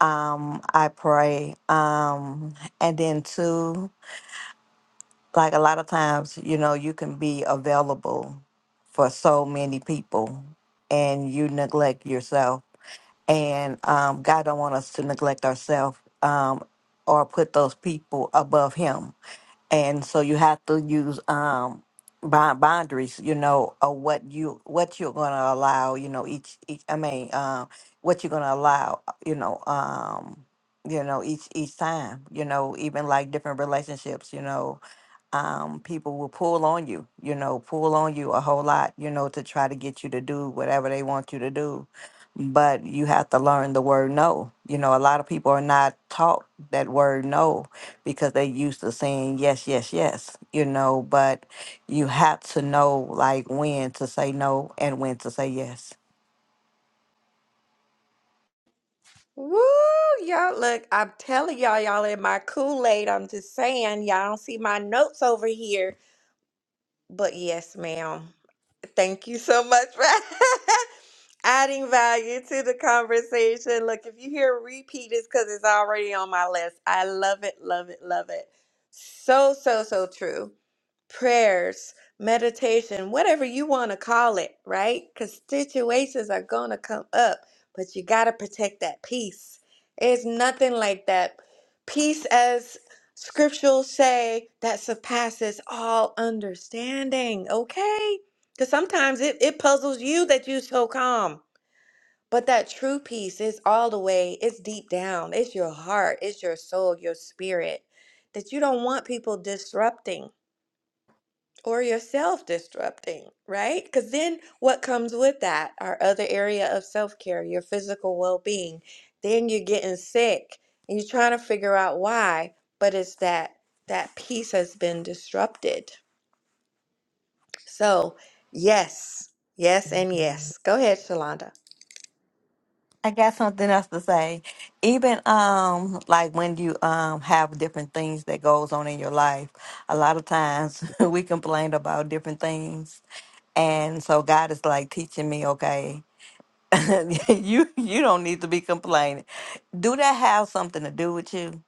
um, I pray. Um, and then too, like a lot of times, you know, you can be available for so many people, and you neglect yourself and um, God don't want us to neglect ourselves um, or put those people above Him. And so you have to use um, bou- boundaries, you know, of what you what you're going to allow, you know, each, each I mean, um, what you're going to allow, you know, um, you know, each each time, you know, even like different relationships, you know um, people will pull on you, you know, pull on you a whole lot, you know, to try to get you to do whatever they want you to do. But you have to learn the word no. You know, a lot of people are not taught that word no because they used to saying yes, yes, yes, you know, but you have to know like when to say no and when to say yes Woo, y'all look, I'm telling y'all, y'all in my Kool-Aid. I'm just saying, y'all don't see my notes over here. But yes, ma'am. Thank you so much for (laughs) adding value to the conversation. Look, if you hear repeat, it's because it's already on my list. I love it, love it, love it. So, so, so true. Prayers, meditation, whatever you want to call it, right? Because situations are going to come up, but you got to protect that peace. It's nothing like that. Peace, as scriptures say, that surpasses all understanding, okay? Because sometimes it, it puzzles you that you are so calm. But that true peace is all the way, it's deep down, it's your heart, it's your soul, your spirit, that you don't want people disrupting or yourself disrupting, right? Because then what comes with that? Our other area of self care, your physical well being. Then you're getting sick and you're trying to figure out why, but it's that that peace has been disrupted. So, yes, yes, and yes. Go ahead, Shalonda. I got something else to say. Even um like when you um have different things that goes on in your life, a lot of times (laughs) we complain about different things. And so God is like teaching me, okay, (laughs) you you don't need to be complaining. Do that have something to do with you?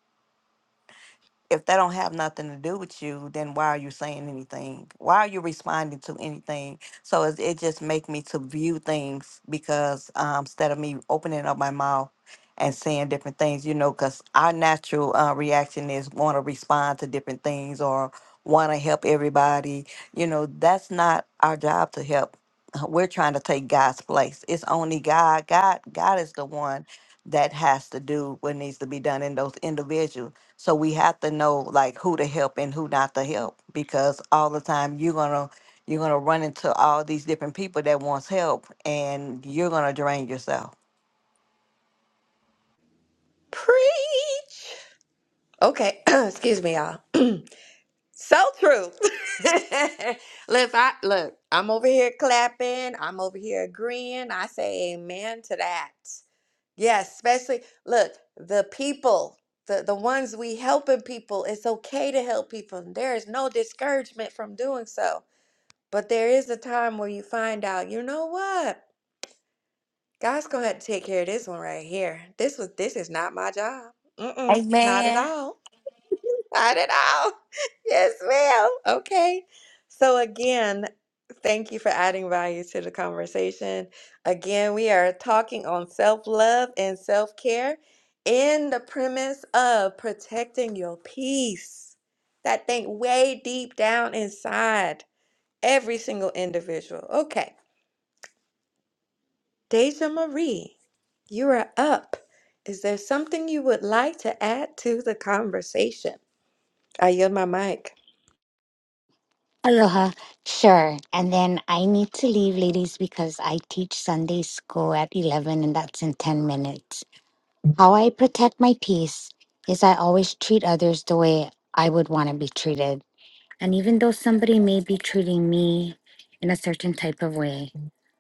if that don't have nothing to do with you, then why are you saying anything? Why are you responding to anything? So it, it just make me to view things because um, instead of me opening up my mouth and saying different things, you know, because our natural uh, reaction is want to respond to different things or want to help everybody. You know, that's not our job to help. (laughs) We're trying to take God's place. It's only God. God. God is the one that has to do what needs to be done in those individuals so we have to know like who to help and who not to help because all the time you're gonna you're gonna run into all these different people that wants help and you're gonna drain yourself. Preach. Okay, (clears throat) excuse me, y'all. (clears throat) so true. (laughs) look, if I look, I'm over here clapping. I'm over here agreeing. I say amen to that. Yes, especially look, the people, the the ones we helping people. It's okay to help people. There is no discouragement from doing so. But there is a time where you find out, you know what? God's gonna have to take care of this one right here. This was this is not my job. Mm-mm, not at Amen. all. Not at all. (laughs) Yes, ma'am. Okay. So, again, thank you for adding value to the conversation. Again, we are talking on self love and self care in the premise of protecting your peace. That thing way deep down inside every single individual. Okay. Deja Marie, you are up. Is there something you would like to add to the conversation? I yield my mic. Aloha. Sure. And then I need to leave, ladies, because I teach Sunday school at 11 and that's in 10 minutes. How I protect my peace is I always treat others the way I would want to be treated. And even though somebody may be treating me in a certain type of way,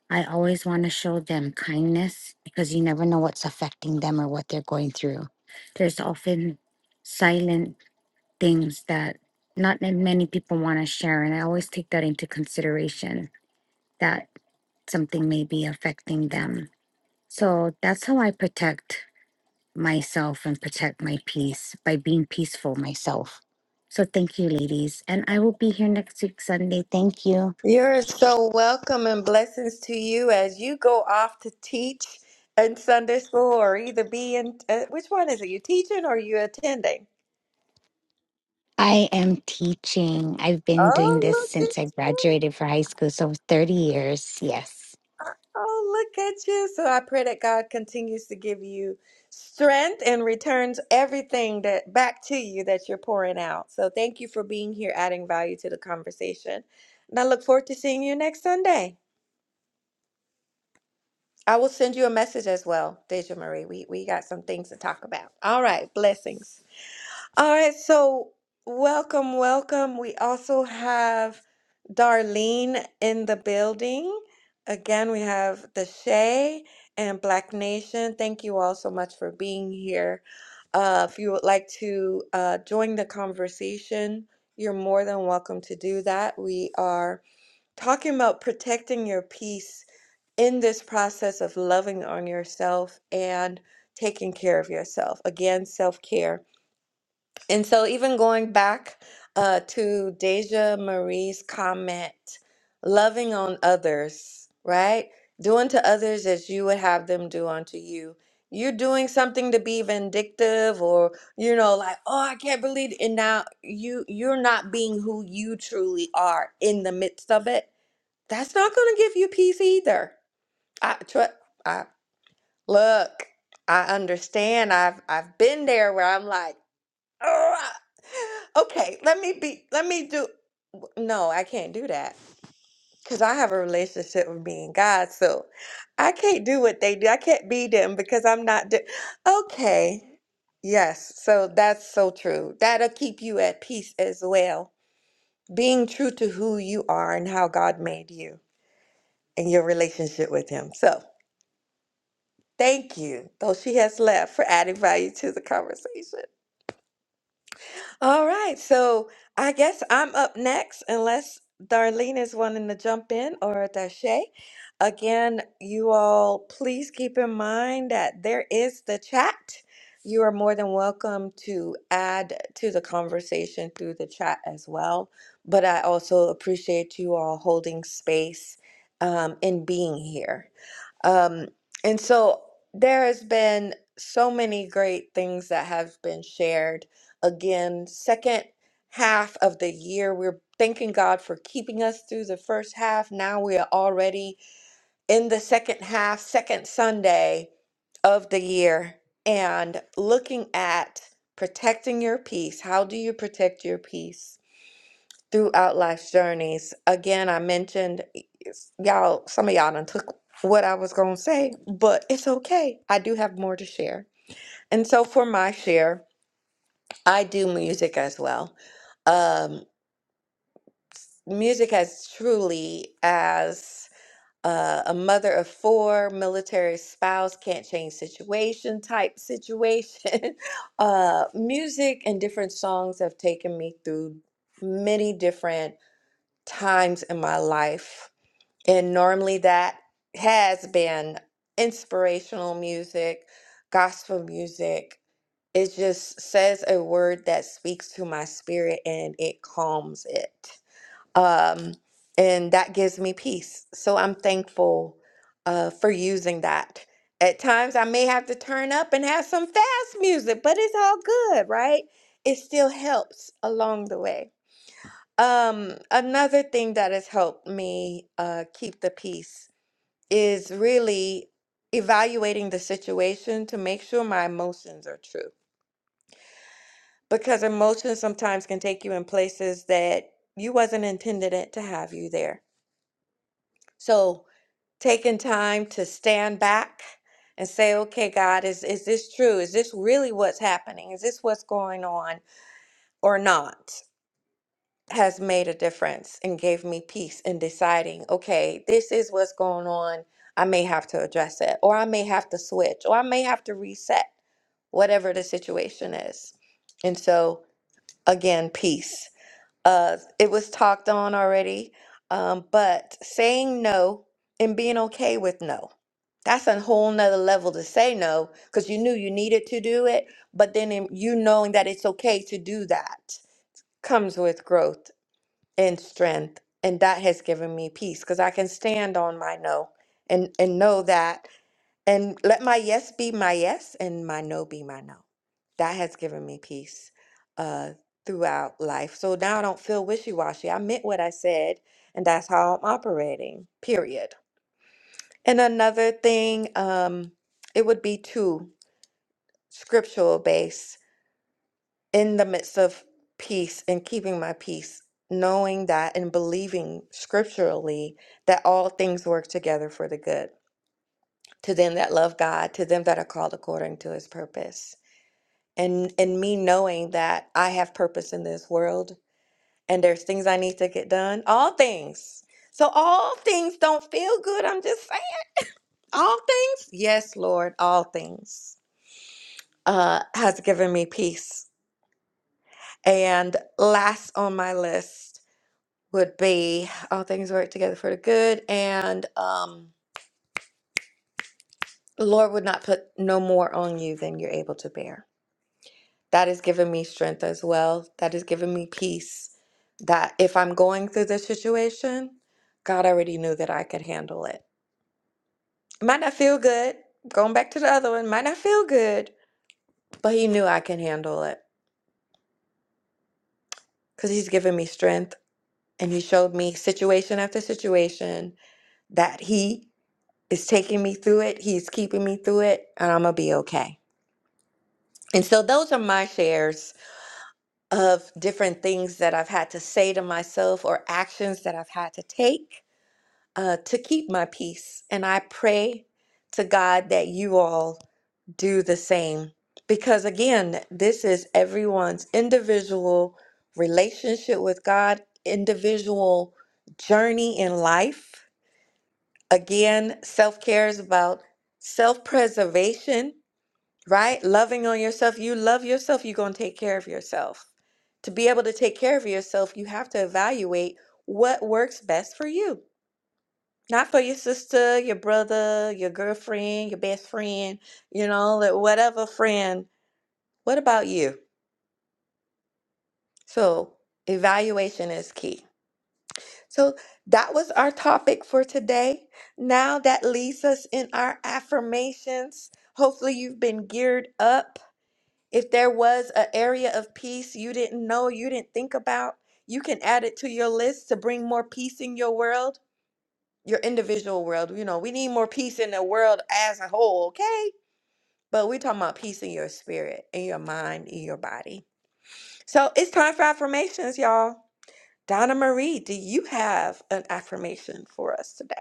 I always want to show them kindness because you never know what's affecting them or what they're going through. There's often silent things that not that many people want to share. And I always take that into consideration that something may be affecting them. So that's how I protect myself and protect my peace by being peaceful myself. So thank you, ladies. And I will be here next week, Sunday. Thank you. You're so welcome and blessings to you as you go off to teach in Sunday school or either be in, uh, which one is it? You teaching or you attending? I am teaching. I've been doing this Oh, look at since I you. graduated for high school. So 30 years. Yes. Oh, look at you. So I pray that God continues to give you strength and returns everything that back to you that you're pouring out. So thank you for being here, adding value to the conversation. And I look forward to seeing you next Sunday. I will send you a message as well, Deja Marie. We we got some things to talk about. All right, blessings. All right, so welcome, welcome. We also have Darlene in the building. Again, we have the Shay and Black Nation. Thank you all so much for being here. Uh, if you would like to uh, join the conversation, you're more than welcome to do that. We are talking about protecting your peace in this process of loving on yourself and taking care of yourself. Again, self care. And so, even going back uh, to Deja Marie's comment, loving on others, right? Doing to others as you would have them do unto you. You're doing something to be vindictive, or you know, like, oh, I can't believe, it. and now you you're not being who you truly are in the midst of it. That's not going to give you peace either I, tr- I look, I understand. I've I've been there where I'm like, "Ugh, okay, let me be, let me do. No, I can't do that because I have a relationship with me and God, so I can't do what they do. I can't be them because I'm not. Do- okay, yes, so that's so true. That'll keep you at peace as well. Being true to who you are and how God made you and your relationship with Him. So. Thank you, though she has left, for adding value to the conversation. All right, so I guess I'm up next, unless Darlene is wanting to jump in or Dashay. Again, you all, please keep in mind that there is the chat. You are more than welcome to add to the conversation through the chat as well. But I also appreciate you all holding space um, and being here. Um, and so there has been so many great things that have been shared. Again, second half of the year, we're thanking God for keeping us through the first half. Now we are already in the second half, second Sunday of the year, and looking at protecting your peace. How do you protect your peace? throughout life's journeys. Again, I mentioned it's- y'all, some of y'all done took what I was gonna say, but it's okay. I do have more to share. And so for my share, I do music as well. Um, music has truly as uh, a mother of four, military spouse, can't change situation type situation. (laughs) uh, music and different songs have taken me through many different times in my life And normally that has been inspirational music, gospel music. It just says a word that speaks to my spirit and it calms it. Um, and that gives me peace. So I'm thankful uh, for using that. At times I may have to turn up and have some fast music, but it's all good, right? It still helps along the way. Um, another thing that has helped me uh, keep the peace is really evaluating the situation to make sure my emotions are true because emotions sometimes can take you in places that you wasn't intended it to have you there so taking time to stand back and say okay god is is this true is this really what's happening is this what's going on or not has made a difference and gave me peace in deciding, okay, this is what's going on. I may have to address it, or I may have to switch, or I may have to reset, whatever the situation is. And so, again, peace. Uh, it was talked on already, um, but saying no and being okay with no. That's a whole nother level to say no because you knew you needed to do it, but then in you knowing that it's okay to do that comes with growth and strength and that has given me peace because i can stand on my no and and know that and let my yes be my yes and my no be my no that has given me peace uh throughout life so now i don't feel wishy-washy i meant what i said and that's how i'm operating period and another thing um it would be two scriptural base in the midst of peace and keeping my peace, knowing that and believing scripturally that all things work together for the good to them that love God, to them that are called according to his purpose. And and me knowing that I have purpose in this world and there's things I need to get done, all things. So all things don't feel good, I'm just saying. All things? Yes, Lord, all things. Uh has given me peace. And last on my list would be all things work together for the good and um the lord would not put no more on you than you're able to bear that has given me strength as well that has given me peace that if i'm going through this situation god already knew that i could handle it it might not feel good going back to the other one might not feel good but he knew i can handle it because he's given me strength and he showed me situation after situation that he is taking me through it. He's keeping me through it, and I'm gonna be okay. And so those are my shares of different things that I've had to say to myself or actions that I've had to take uh, to keep my peace. And I pray to God that you all do the same. Because again, this is everyone's individual relationship with God, individual journey in life. Again, self care is about self preservation right? Loving on yourself. You love yourself, you're going to take care of yourself. To be able to take care of yourself, you have to evaluate what works best for you. Not for your sister, your brother, your girlfriend, your best friend, you know, like whatever friend. What about you? So, evaluation is key. So, that was our topic for today. Now, that leads us in our affirmations. Hopefully, you've been geared up If there was an area of peace you didn't know, you didn't think about, you can add it to your list to bring more peace in your world, your individual world. You know, we need more peace in the world as a whole, okay? But we're talking about peace in your spirit, in your mind, in your body. So it's time for affirmations, y'all. Donna Marie, do you have an affirmation for us today?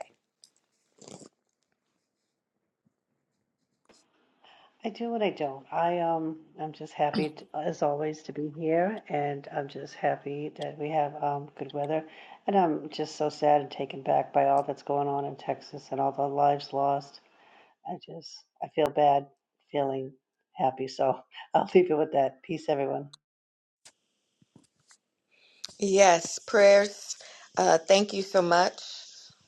I do and I don't. I um I'm just happy t as always to be here and I'm just happy that we have um good weather and I'm just so sad and taken back by all that's going on in Texas and all the lives lost. I just I feel bad feeling happy, so (laughs) I'll leave it with that. Peace, everyone. Yes, prayers. Uh, thank you so much.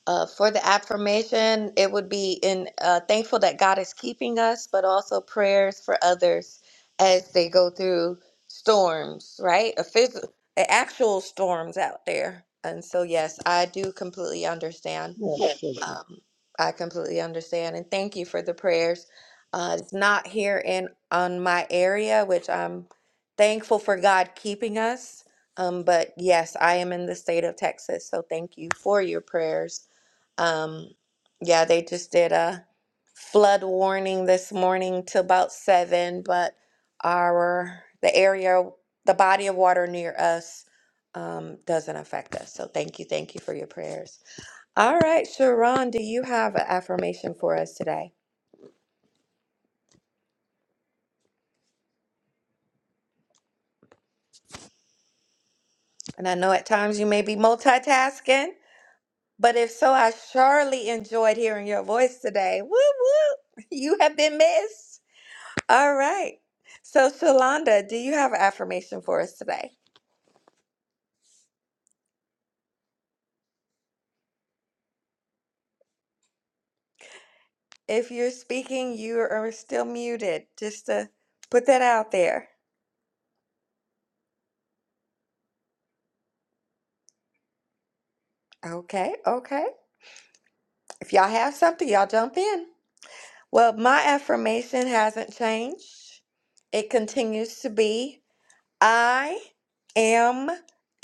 Uh, for the affirmation, it would be in uh, thankful that God is keeping us, but also prayers for others as they go through storms, right? A phys- a actual storms out there. And so, yes, I do completely understand. Yes, thank you. Um, I completely understand, and thank you for the prayers. Uh, it's not here in on my area, which I'm thankful for God keeping us um, but yes, I am in the state of Texas, so thank you for your prayers. Um, yeah, they just did a flood warning this morning to about seven, but our the area, the body of water near us, um, doesn't affect us. So thank you, thank you for your prayers. All right, Sharon, do you have an affirmation for us today? And I know at times you may be multitasking. But if so, I surely enjoyed hearing your voice today. Whoop, whoop. (laughs) You have been missed. All right. So, Shalonda, do you have an affirmation for us today? If you're speaking, you are still muted, just to put that out there. Okay, okay. If y'all have something, y'all jump in. Well, my affirmation hasn't changed, it continues to be I am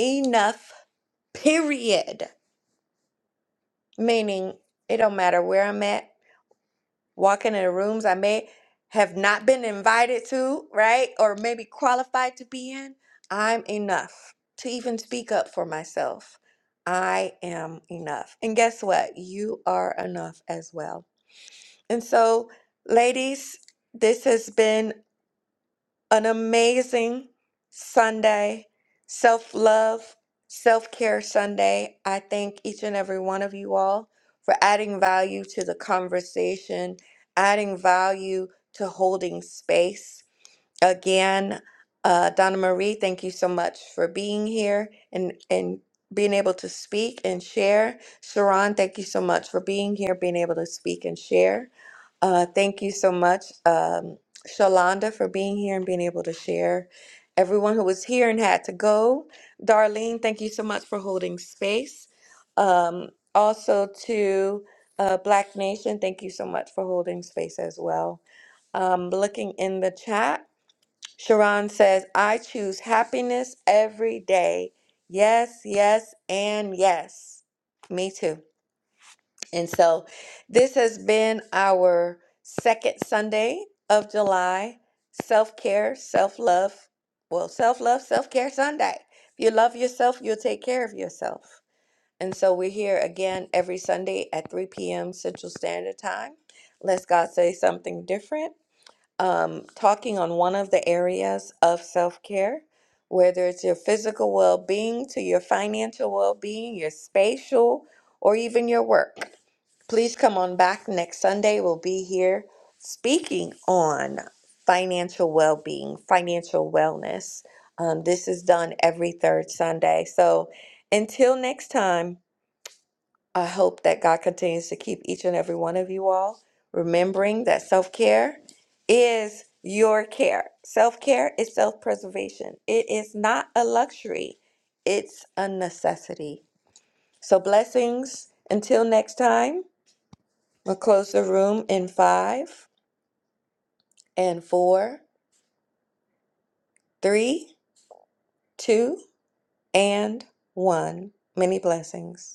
enough, period. meaning it don't matter where I'm at, walking in rooms I may have not been invited to, right? Or maybe qualified to be in, I'm enough to even speak up for myself. I am enough. And guess what? You are enough as well. And so, ladies, this has been an amazing Sunday, self love, self care Sunday. I thank each and every one of you all for adding value to the conversation, adding value to holding space. Again, uh, Donna Marie, thank you so much for being here and, and being able to speak and share. Sharon, thank you so much for being here, being able to speak and share. Uh, thank you so much, um, Shalonda, for being here and being able to share. Everyone who was here and had to go, Darlene, thank you so much for holding space. Um, also to uh, Black Nation, thank you so much for holding space as well. Um, looking in the chat. Sharon says, I choose happiness every day. Yes, yes, and yes. Me too. And so this has been our second Sunday of July self care, self love. Well, self love, self care Sunday. If you love yourself, you'll take care of yourself. And so we're here again every Sunday at 3 p.m. Central Standard Time. Let's God say something different um, talking on one of the areas of self care, whether it's your physical well being to your financial well being, your spatial, or even your work. Please come on back next Sunday. We'll be here speaking on financial well being, financial wellness. Um, this is done every third Sunday. So until next time, I hope that God continues to keep each and every one of you all, remembering that self care is your care. Self care is self preservation, it is not a luxury, it's a necessity. So, blessings until next time. We'll close the room in five and four, three, two, and one. Many blessings.